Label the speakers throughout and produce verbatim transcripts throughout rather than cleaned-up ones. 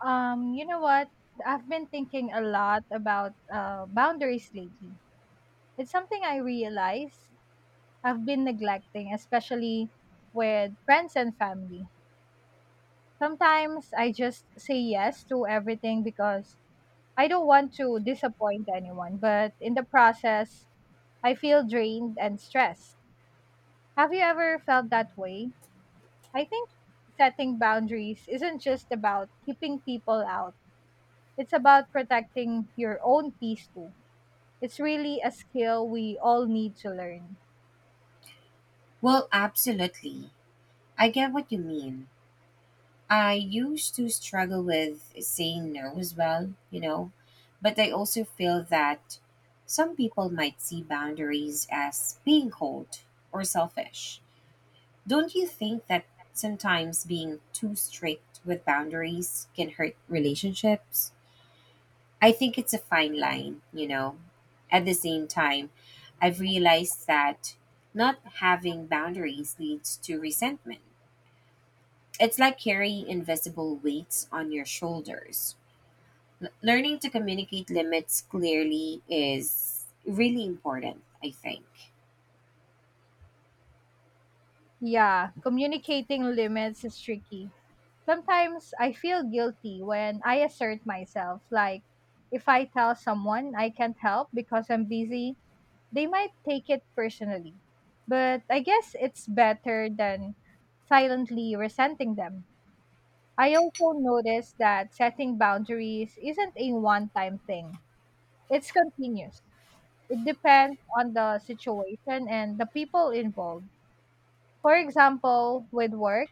Speaker 1: Um, you know what? I've been thinking a lot about uh, boundaries lately. It's something I realize I've been neglecting, especially with friends and family. Sometimes I just say yes to everything because I don't want to disappoint anyone, but in the process, I feel drained and stressed. Have you ever felt that way? I think setting boundaries isn't just about keeping people out, it's about protecting your own peace too. It's really a skill we all need to learn.
Speaker 2: Well, absolutely. I get what you mean. I used to struggle with saying no as well, you know, but I also feel that some people might see boundaries as being cold or selfish. Don't you think that sometimes being too strict with boundaries can hurt relationships? I think it's a fine line, you know. At the same time, I've realized that not having boundaries leads to resentment. It's like carrying invisible weights on your shoulders. L- learning to communicate limits clearly is really important, I think.
Speaker 1: Yeah, communicating limits is tricky. Sometimes I feel guilty when I assert myself. Like, if I tell someone I can't help because I'm busy, they might take it personally. But I guess it's better than silently resenting them. I also noticed that setting boundaries isn't a one time thing, it's continuous. It depends on the situation and the people involved. For example, with work,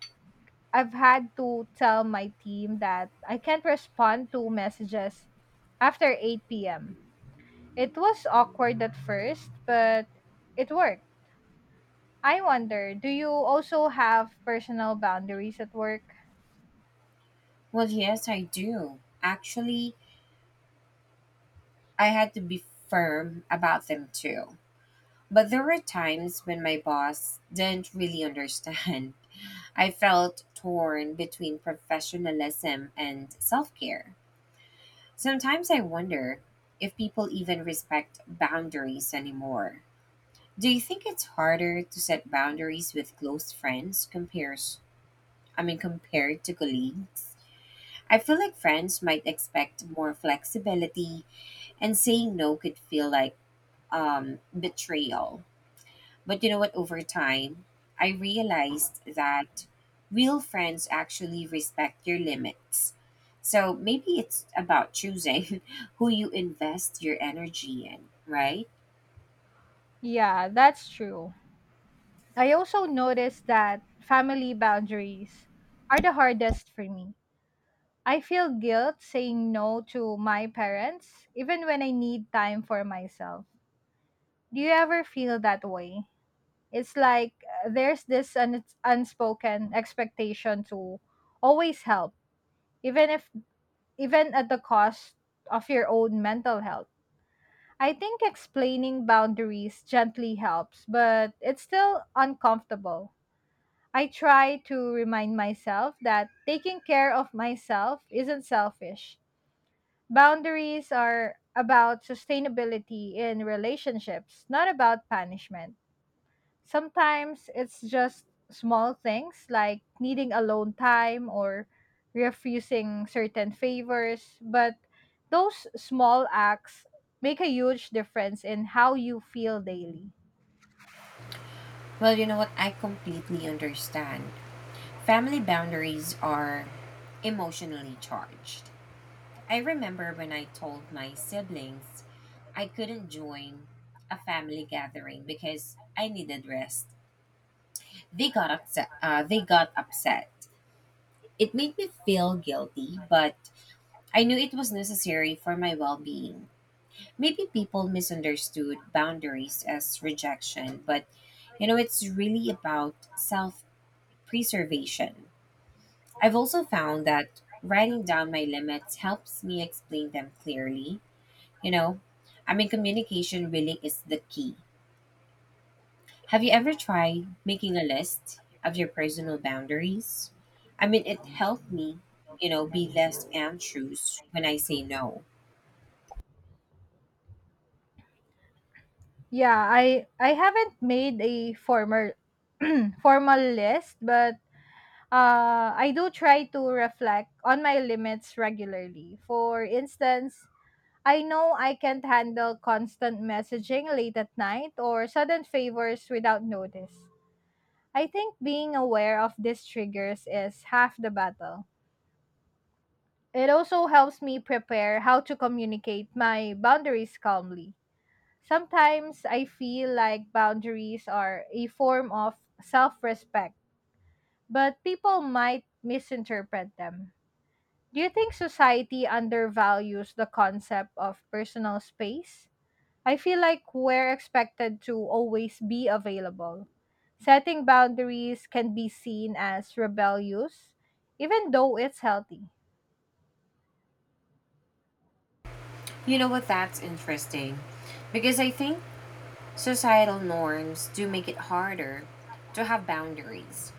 Speaker 1: I've had to tell my team that I can't respond to messages after eight p m. It was awkward at first, but it worked. I wonder, do you also have personal boundaries at work?
Speaker 2: Well, yes, I do. Actually, I had to be firm about them too. But there were times when my boss didn't really understand. I felt torn between professionalism and self care. Sometimes I wonder if people even respect boundaries anymore. Do you think it's harder to set boundaries with close friends compares I mean compared to colleagues? I feel like friends might expect more flexibility and saying no could feel like um betrayal. But you know what, over time I realized that real friends actually respect your limits. So maybe it's about choosing who you invest your energy in, right?
Speaker 1: Yeah, that's true. I also noticed that family boundaries are the hardest for me. I feel guilt saying no to my parents, even when I need time for myself. Do you ever feel that way? It's like uh, there's this un- unspoken expectation to always help, even if even at the cost of your own mental health. I think explaining boundaries gently helps, but it's still uncomfortable. I try to remind myself that taking care of myself isn't selfish. Boundaries are about sustainability in relationships, not about punishment. Sometimes it's just small things like needing alone time or refusing certain favors, but those small acts make a huge difference in how you feel daily.
Speaker 2: Well, you know what? I completely understand. Family boundaries are emotionally charged. I remember when I told my siblings I couldn't join a family gathering because I needed rest. They got upset. Uh, they got upset. It made me feel guilty, but I knew it was necessary for my well-being. Maybe people misunderstood boundaries as rejection, but you know it's really about self-preservation. I've also found that writing down my limits helps me explain them clearly. You know, I mean, communication really is the key. Have you ever tried making a list of your personal boundaries? I mean, it helped me, you know, be less anxious when I say no.
Speaker 1: Yeah, I I haven't made a formal formal list, but uh, I do try to reflect on my limits regularly. For instance, I know I can't handle constant messaging late at night or sudden favors without notice. I think being aware of these triggers is half the battle. It also helps me prepare how to communicate my boundaries calmly. Sometimes I feel like boundaries are a form of self respect, but people might misinterpret them. Do you think society undervalues the concept of personal space? I feel like we're expected to always be available. Setting boundaries can be seen as rebellious, even though it's healthy.
Speaker 2: You know what? That's interesting, because I think societal norms do make it harder to have boundaries.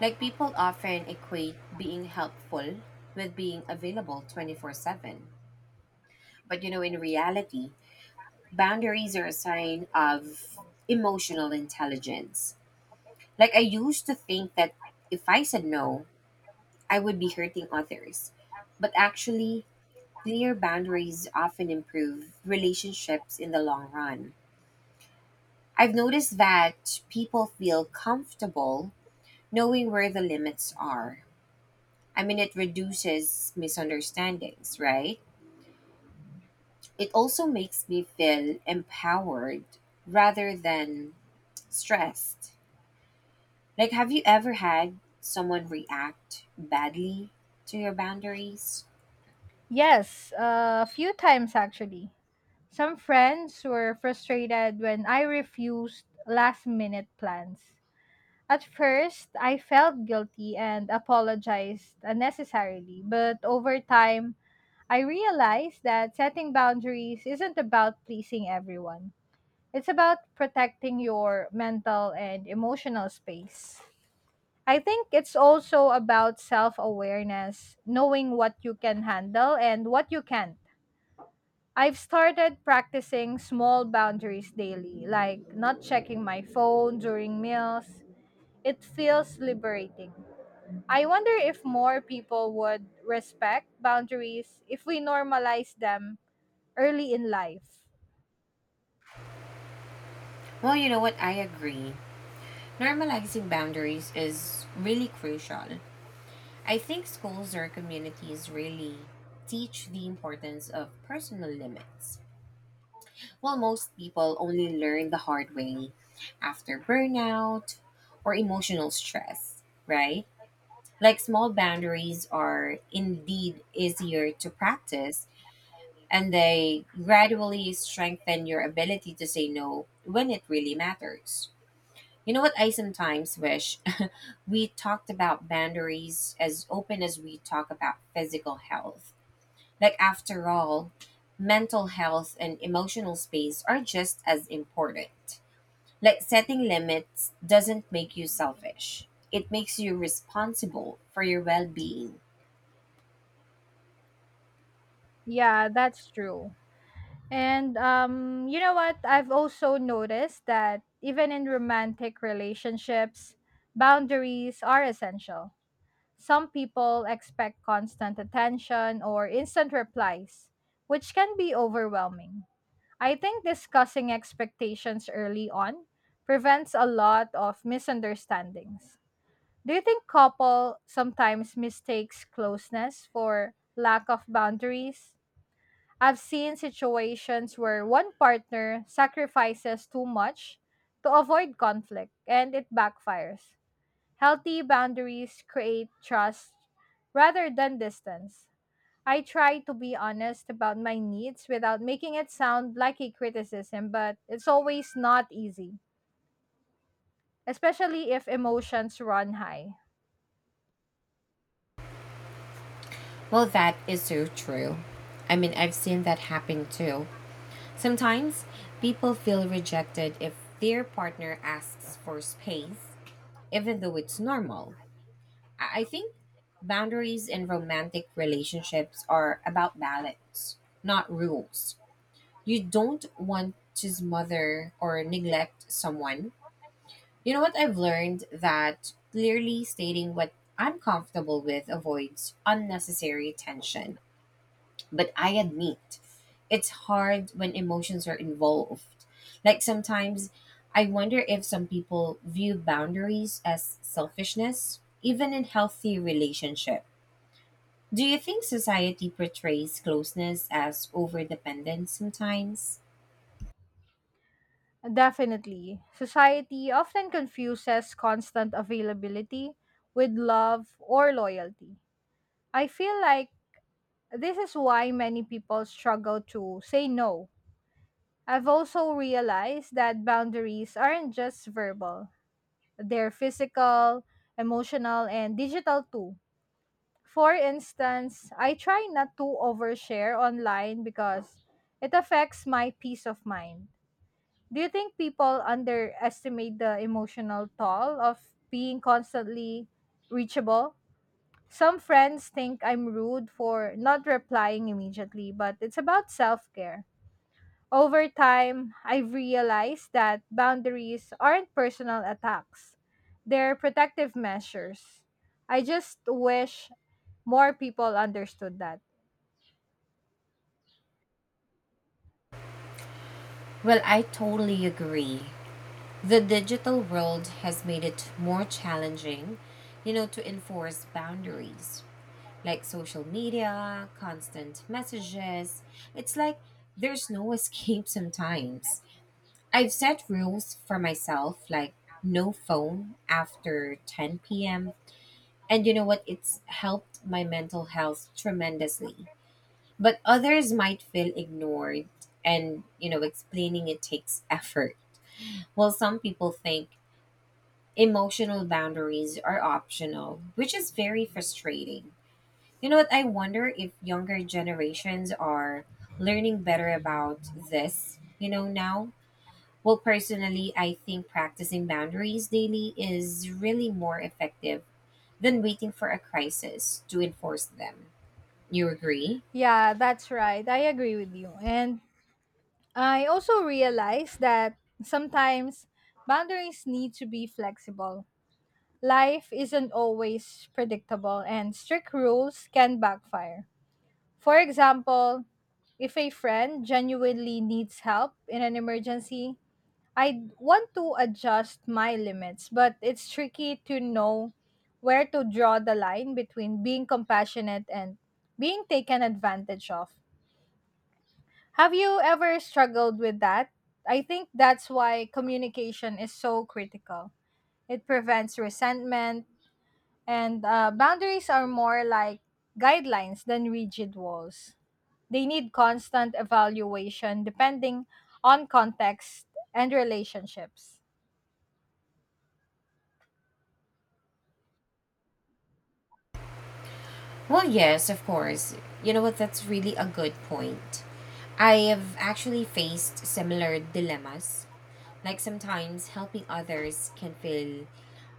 Speaker 2: Like, people often equate being helpful with being available twenty-four seven. But you know, in reality, boundaries are a sign of emotional intelligence. Like, I used to think that if I said no, I would be hurting others. But actually, clear boundaries often improve relationships in the long run. I've noticed that people feel comfortable knowing where the limits are. I mean, it reduces misunderstandings, right? It also makes me feel empowered rather than stressed. Like, have you ever had someone react badly to your boundaries?
Speaker 1: Yes, a few times actually. Some friends were frustrated when I refused last minute plans. At first, I felt guilty and apologized unnecessarily, but over time, I realized that setting boundaries isn't about pleasing everyone. It's about protecting your mental and emotional space. I think it's also about self awareness, knowing what you can handle and what you can't. I've started practicing small boundaries daily, like not checking my phone during meals. It feels liberating. I wonder if more people would respect boundaries if we normalize them early in life.
Speaker 2: Well, you know what? I agree. Normalizing boundaries is really crucial. I think schools or communities really teach the importance of personal limits, while most people only learn the hard way after burnout or emotional stress, right? Like, small boundaries are indeed easier to practice, and they gradually strengthen your ability to say no when it really matters. You know what I sometimes wish? We talked about boundaries as open as we talk about physical health. Like, after all, mental health and emotional space are just as important. Like, setting limits doesn't make you selfish. It makes you responsible for your well-being.
Speaker 1: Yeah, that's true. And um, you know what? I've also noticed that even in romantic relationships, boundaries are essential. Some people expect constant attention or instant replies, which can be overwhelming. I think discussing expectations early on prevents a lot of misunderstandings. Do you think couple sometimes mistakes closeness for lack of boundaries? I've seen situations where one partner sacrifices too much to avoid conflict and it backfires. Healthy boundaries create trust rather than distance. I try to be honest about my needs without making it sound like a criticism, but it's always not easy, especially if emotions run high.
Speaker 2: Well, that is so true. I mean, I've seen that happen too. Sometimes people feel rejected if their partner asks for space, even though it's normal. I I think boundaries in romantic relationships are about balance, not rules. You don't want to smother or neglect someone. You know what, I've learned that clearly stating what I'm comfortable with avoids unnecessary tension. But I admit, it's hard when emotions are involved. Like, sometimes I wonder if some people view boundaries as selfishness, even in healthy relationship. Do you think society portrays closeness as overdependence sometimes?
Speaker 1: Definitely, society often confuses constant availability with love or loyalty. I feel like this is why many people struggle to say no. I've also realized that boundaries aren't just verbal, they're physical, emotional, and digital too. For instance, I try not to overshare online because it affects my peace of mind. Do you think people underestimate the emotional toll of being constantly reachable? Some friends think I'm rude for not replying immediately, but it's about self care. Over time, I've realized that boundaries aren't personal attacks, they're protective measures. I just wish more people understood that.
Speaker 2: Well, I totally agree. The digital world has made it more challenging, you know, to enforce boundaries, like social media, constant messages. It's like there's no escape sometimes. I've set rules for myself like no phone after ten p m. And you know what? It's helped my mental health tremendously. But others might feel ignored, and you know, explaining it takes effort. While some people think emotional boundaries are optional, which is very frustrating. You know what? I wonder if younger generations are learning better about this, you know, now. Well, personally, I think practicing boundaries daily is really more effective than waiting for a crisis to enforce them. You agree?
Speaker 1: Yeah, that's right. I agree with you. And I also realize that sometimes boundaries need to be flexible. Life isn't always predictable, and strict rules can backfire. For example, if a friend genuinely needs help in an emergency, I want to adjust my limits, but it's tricky to know where to draw the line between being compassionate and being taken advantage of. Have you ever struggled with that? I think that's why communication is so critical. It prevents resentment, and uh, boundaries are more like guidelines than rigid walls. They need constant evaluation depending on context and relationships.
Speaker 2: Well, yes, of course. You know what? That's really a good point. I have actually faced similar dilemmas. Like, sometimes helping others can feel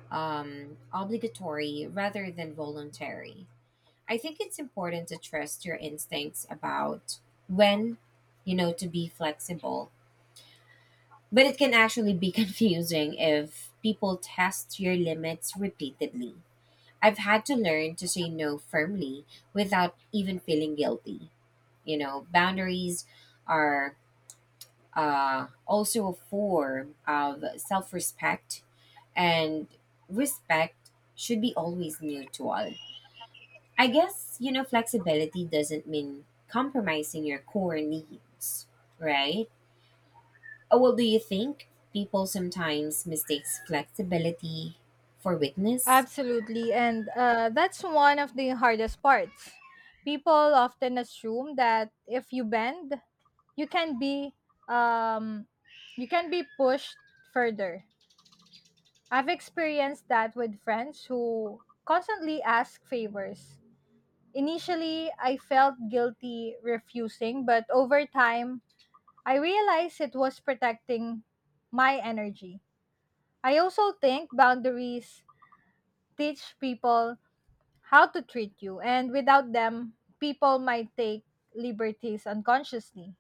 Speaker 2: um, obligatory rather than voluntary. I think it's important to trust your instincts about when, you know, to be flexible. But it can actually be confusing if people test your limits repeatedly. I've had to learn to say no firmly without even feeling guilty. You know, boundaries are, uh, also a form of self respect, and respect should be always mutual. I guess, you know, flexibility doesn't mean compromising your core needs, right? Oh, well, do you think people sometimes mistakes flexibility for weakness?
Speaker 1: Absolutely. And uh, that's one of the hardest parts. People often assume that if you bend, you can be um, you can be pushed further. I've experienced that with friends who constantly ask favors. Initially, I felt guilty refusing, but over time, I realized it was protecting my energy. I also think boundaries teach people how to treat you, and without them, people might take liberties unconsciously.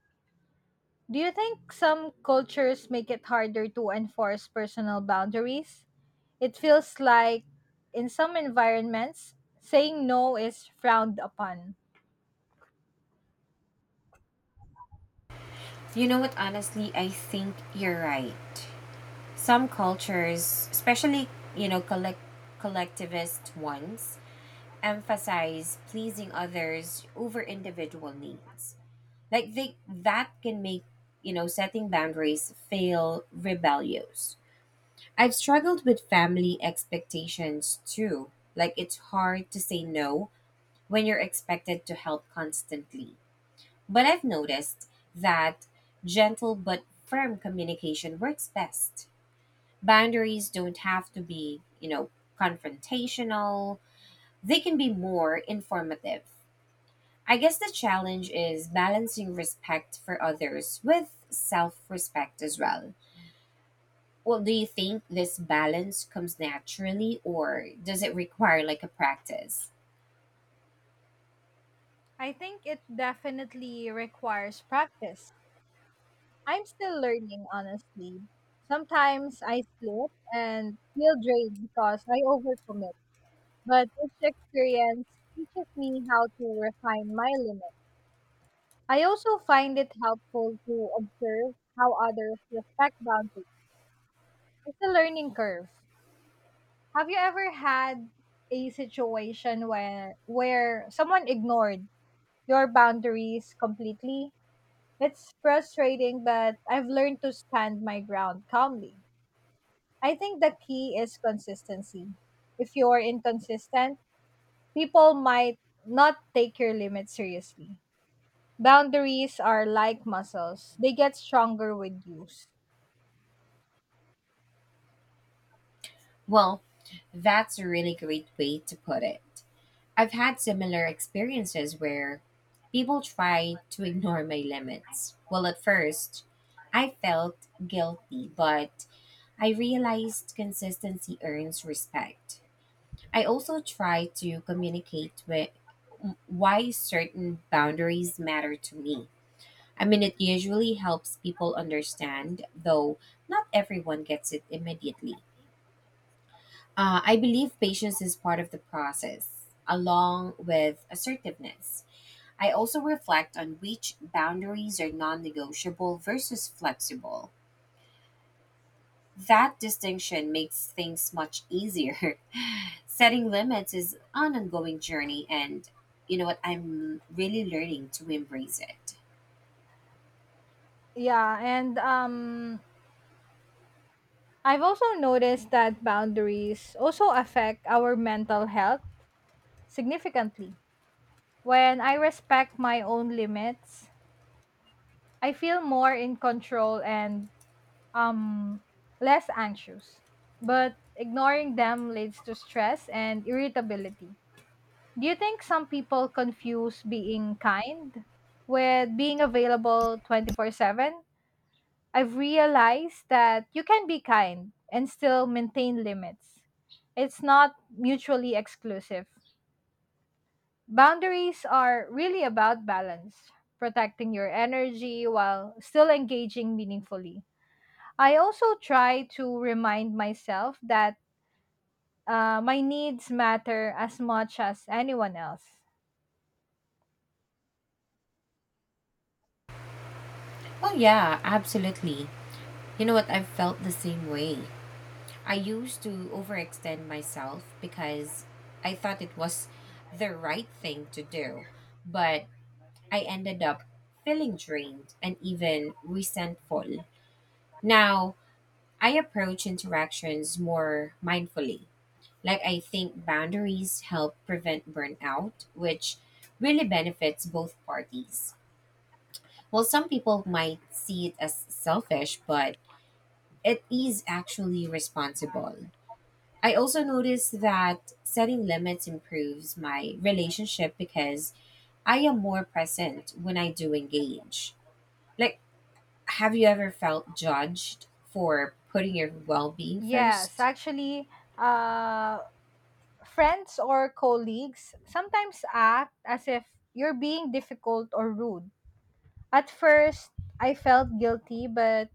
Speaker 1: Do you think some cultures make it harder to enforce personal boundaries? It feels like in some environments, saying no is frowned upon.
Speaker 2: You know what, honestly, I think you're right. Some cultures, especially, you know, collect collectivist ones, emphasize pleasing others over individual needs. Like, they that can make, you know, setting boundaries feel rebellious. I've struggled with family expectations too. Like, it's hard to say no when you're expected to help constantly. But I've noticed that gentle but firm communication works best. Boundaries don't have to be, you know, confrontational. They can be more informative. I guess the challenge is balancing respect for others with self respect as well. Well, do you think this balance comes naturally, or does it require like a practice?
Speaker 1: I think it definitely requires practice. I'm still learning, honestly. Sometimes I slip and feel drained because I overcommit, but each experience teaches me how to refine my limits. I also find it helpful to observe how others respect boundaries. It's a learning curve. Have you ever had a situation where where someone ignored your boundaries completely? It's frustrating, but I've learned to stand my ground calmly. I think the key is consistency. If you're inconsistent, people might not take your limits seriously. Boundaries are like muscles, they get stronger with use.
Speaker 2: Well, that's a really great way to put it. I've had similar experiences where people try to ignore my limits. Well, at first, I felt guilty, but I realized consistency earns respect. I also try to communicate with why certain boundaries matter to me. I mean, it usually helps people understand, though not everyone gets it immediately. Uh, I believe patience is part of the process, along with assertiveness. I also reflect on which boundaries are non negotiable versus flexible. That distinction makes things much easier. Setting limits is an ongoing journey, and you know what? I'm really learning to embrace it.
Speaker 1: Yeah, and um I've also noticed that boundaries also affect our mental health significantly. When I respect my own limits, I feel more in control and um less anxious. But ignoring them leads to stress and irritability. Do you think some people confuse being kind with being available twenty four seven? I've realized that you can be kind and still maintain limits. It's not mutually exclusive. Boundaries are really about balance, protecting your energy while still engaging meaningfully. I also try to remind myself that uh, my needs matter as much as anyone else.
Speaker 2: Oh, yeah, absolutely. You know what? I've felt the same way. I used to overextend myself because I thought it was the right thing to do, but I ended up feeling drained and even resentful. Now, I approach interactions more mindfully. Like, I think boundaries help prevent burnout, which really benefits both parties. Well, some people might see it as selfish, but it is actually responsible. I also noticed that setting limits improves my relationship because I am more present when I do engage. Like, have you ever felt judged for putting your well being
Speaker 1: Yes,
Speaker 2: first?
Speaker 1: actually, uh, friends or colleagues sometimes act as if you're being difficult or rude. At first, I felt guilty, but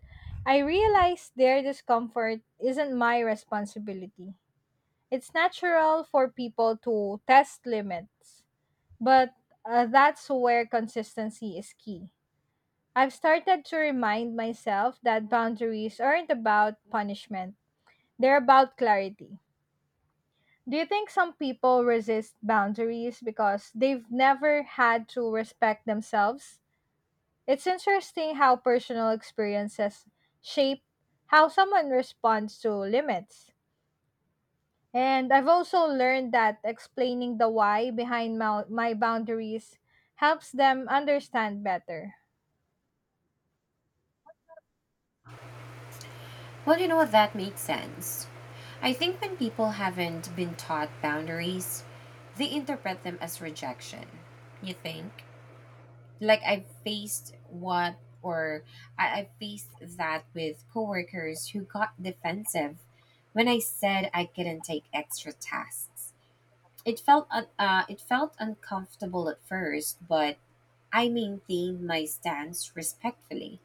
Speaker 1: I realized their discomfort isn't my responsibility. It's natural for people to test limits, but uh, that's where consistency is key. I've started to remind myself that boundaries aren't about punishment, they're about clarity. Do you think some people resist boundaries because they've never had to respect themselves? It's interesting how personal experiences shape how someone responds to limits. And I've also learned that explaining the why behind my, my boundaries helps them understand better.
Speaker 2: Well, you know what? That makes sense. I think when people haven't been taught boundaries, they interpret them as rejection. You think? Like, I've faced what or I, I faced that with coworkers who got defensive when I said I couldn't take extra tasks. It felt un- uh, it felt uncomfortable at first, but I maintained my stance respectfully.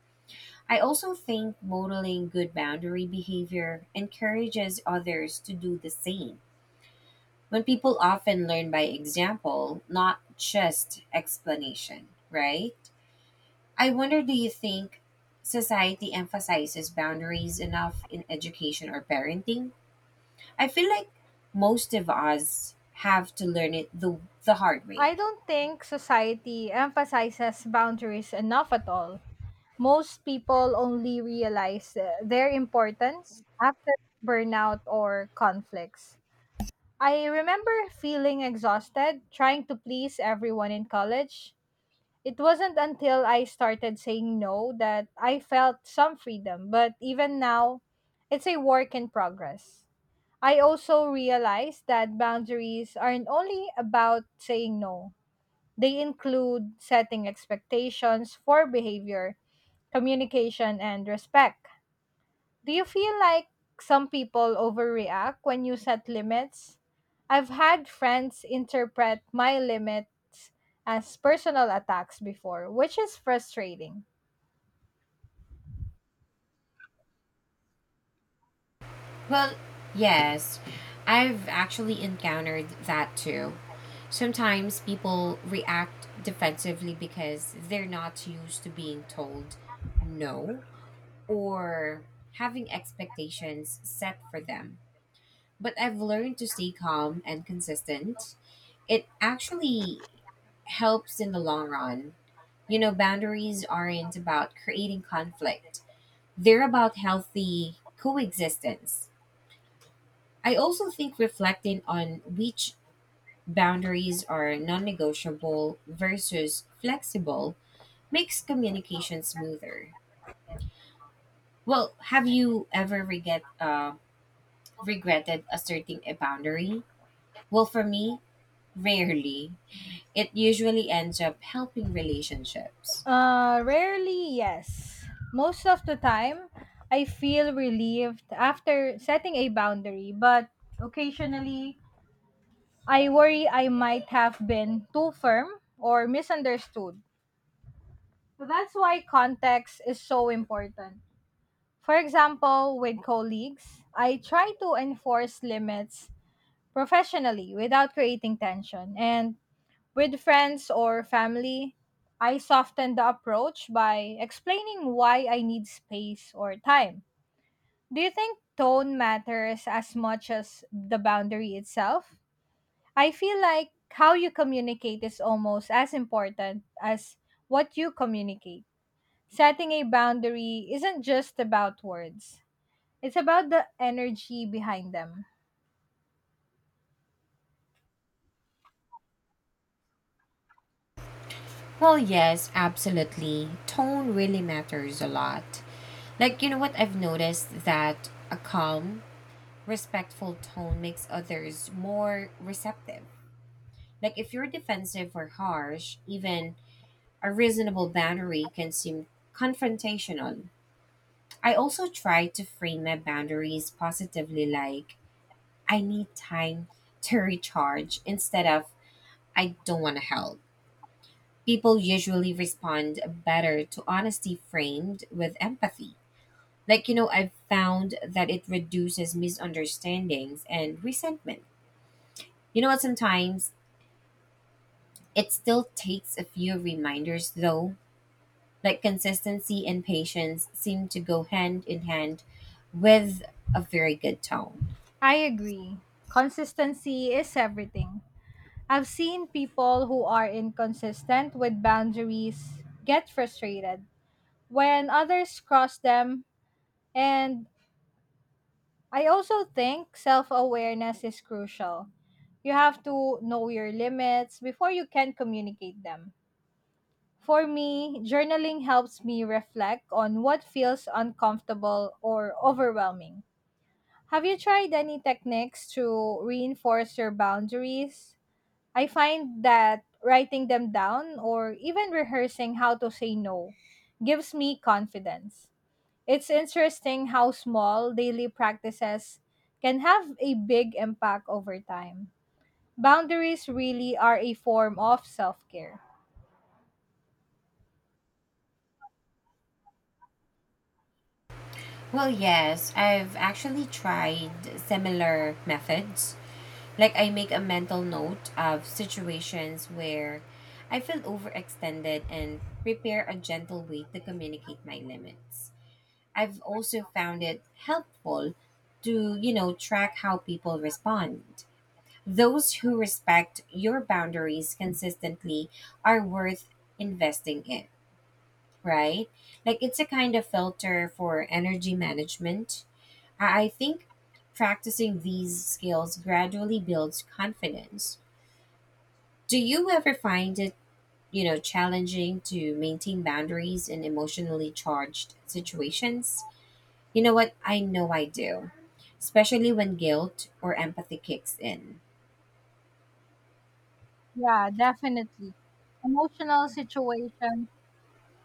Speaker 2: I also think modeling good boundary behavior encourages others to do the same. When people often learn by example, not just explanation, right? I wonder, do you think society emphasizes boundaries enough in education or parenting? I feel like most of us have to learn it the, the hard way.
Speaker 1: I don't think society emphasizes boundaries enough at all. Most people only realize uh, their importance after burnout or conflicts. I remember feeling exhausted trying to please everyone in college. It wasn't until I started saying no that I felt some freedom, but even now, it's a work in progress. I also realized that boundaries aren't only about saying no, they include setting expectations for behavior, communication, and respect. Do you feel like some people overreact when you set limits? I've had friends interpret my limits as personal attacks before, which is frustrating.
Speaker 2: Well, yes, I've actually encountered that too. Sometimes people react defensively because they're not used to being told no, or having expectations set for them. But I've learned to stay calm and consistent. It actually helps in the long run. You know, boundaries aren't about creating conflict, they're about healthy coexistence. I also think reflecting on which boundaries are non negotiable versus flexible makes communication smoother. Well, have you ever regret, uh, regretted asserting a boundary? Well, for me, rarely. It usually ends up helping relationships.
Speaker 1: Uh, rarely, yes. Most of the time, I feel relieved after setting a boundary, but occasionally I worry I might have been too firm or misunderstood. So that's why context is so important. For example, with colleagues, I try to enforce limits professionally without creating tension. And with friends or family, I soften the approach by explaining why I need space or time. Do you think tone matters as much as the boundary itself? I feel like how you communicate is almost as important as what you communicate. Setting a boundary isn't just about words, it's about the energy behind them.
Speaker 2: Well, yes, absolutely. Tone really matters a lot. Like, you know what? I've noticed that a calm, respectful tone makes others more receptive. Like, if you're defensive or harsh, even a reasonable boundary can seem confrontational. I also try to frame my boundaries positively, like, I need time to recharge instead of I don't want to help. People usually respond better to honesty framed with empathy. Like, you know, I've found that it reduces misunderstandings and resentment. You know what? Sometimes it still takes a few reminders, though, like consistency and patience seem to go hand in hand with a very good tone.
Speaker 1: I agree. Consistency is everything. I've seen people who are inconsistent with boundaries get frustrated when others cross them, and I also think self awareness is crucial. You have to know your limits before you can communicate them. For me, journaling helps me reflect on what feels uncomfortable or overwhelming. Have you tried any techniques to reinforce your boundaries? I find that writing them down or even rehearsing how to say no gives me confidence. It's interesting how small daily practices can have a big impact over time. Boundaries really are a form of self care.
Speaker 2: Well, yes, I've actually tried similar methods. Like, I make a mental note of situations where I feel overextended and prepare a gentle way to communicate my limits. I've also found it helpful to, you know, track how people respond. Those who respect your boundaries consistently are worth investing in, right? Like, it's a kind of filter for energy management. I I think practicing these skills gradually builds confidence. Do you ever find it, you know, challenging to maintain boundaries in emotionally charged situations? You know what? I know I do, especially when guilt or empathy kicks in.
Speaker 1: Yeah, definitely. Emotional situations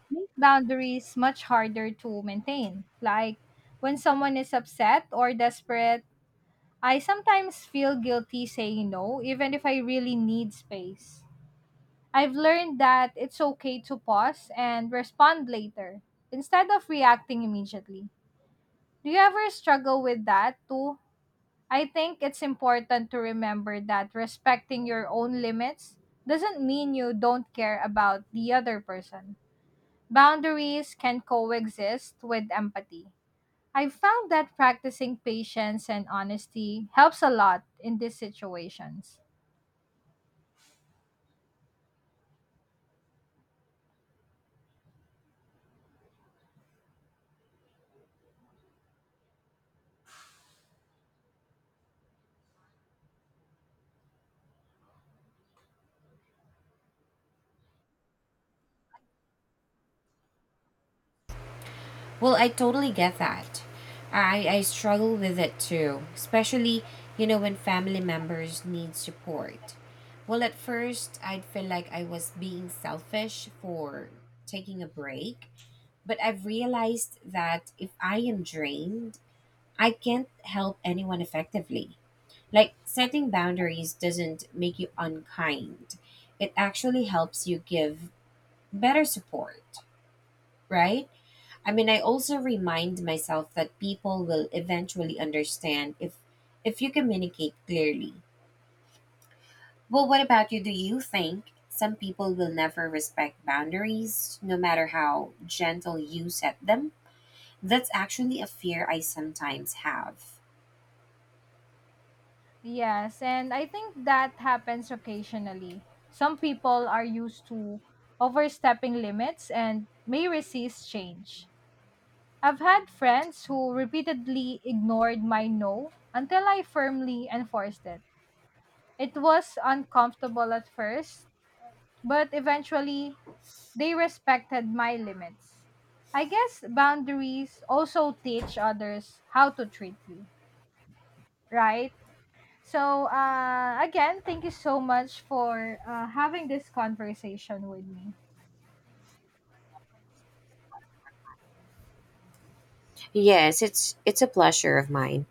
Speaker 1: make boundaries much harder to maintain. Like when someone is upset or desperate, I sometimes feel guilty saying no, even if I really need space. I've learned that it's okay to pause and respond later instead of reacting immediately. Do you ever struggle with that too? I think it's important to remember that respecting your own limits doesn't mean you don't care about the other person. Boundaries can coexist with empathy. I've found that practicing patience and honesty helps a lot in these situations.
Speaker 2: Well, I totally get that. I, I struggle with it too, especially, you know, when family members need support. Well, at first, I'd feel like I was being selfish for taking a break, but I've realized that if I am drained, I can't help anyone effectively. Like, setting boundaries doesn't make you unkind, it actually helps you give better support, right? I mean, I also remind myself that people will eventually understand if if you communicate clearly. Well, what about you? Do you think some people will never respect boundaries no matter how gentle you set them? That's actually a fear I sometimes have.
Speaker 1: Yes, and I think that happens occasionally. Some people are used to overstepping limits and may resist change. I've had friends who repeatedly ignored my no until I firmly enforced it. It was uncomfortable at first, but eventually they respected my limits. I guess boundaries also teach others how to treat you, right? So, uh, again, thank you so much for uh, having this conversation with me.
Speaker 2: Yes, it's it's a pleasure of mine.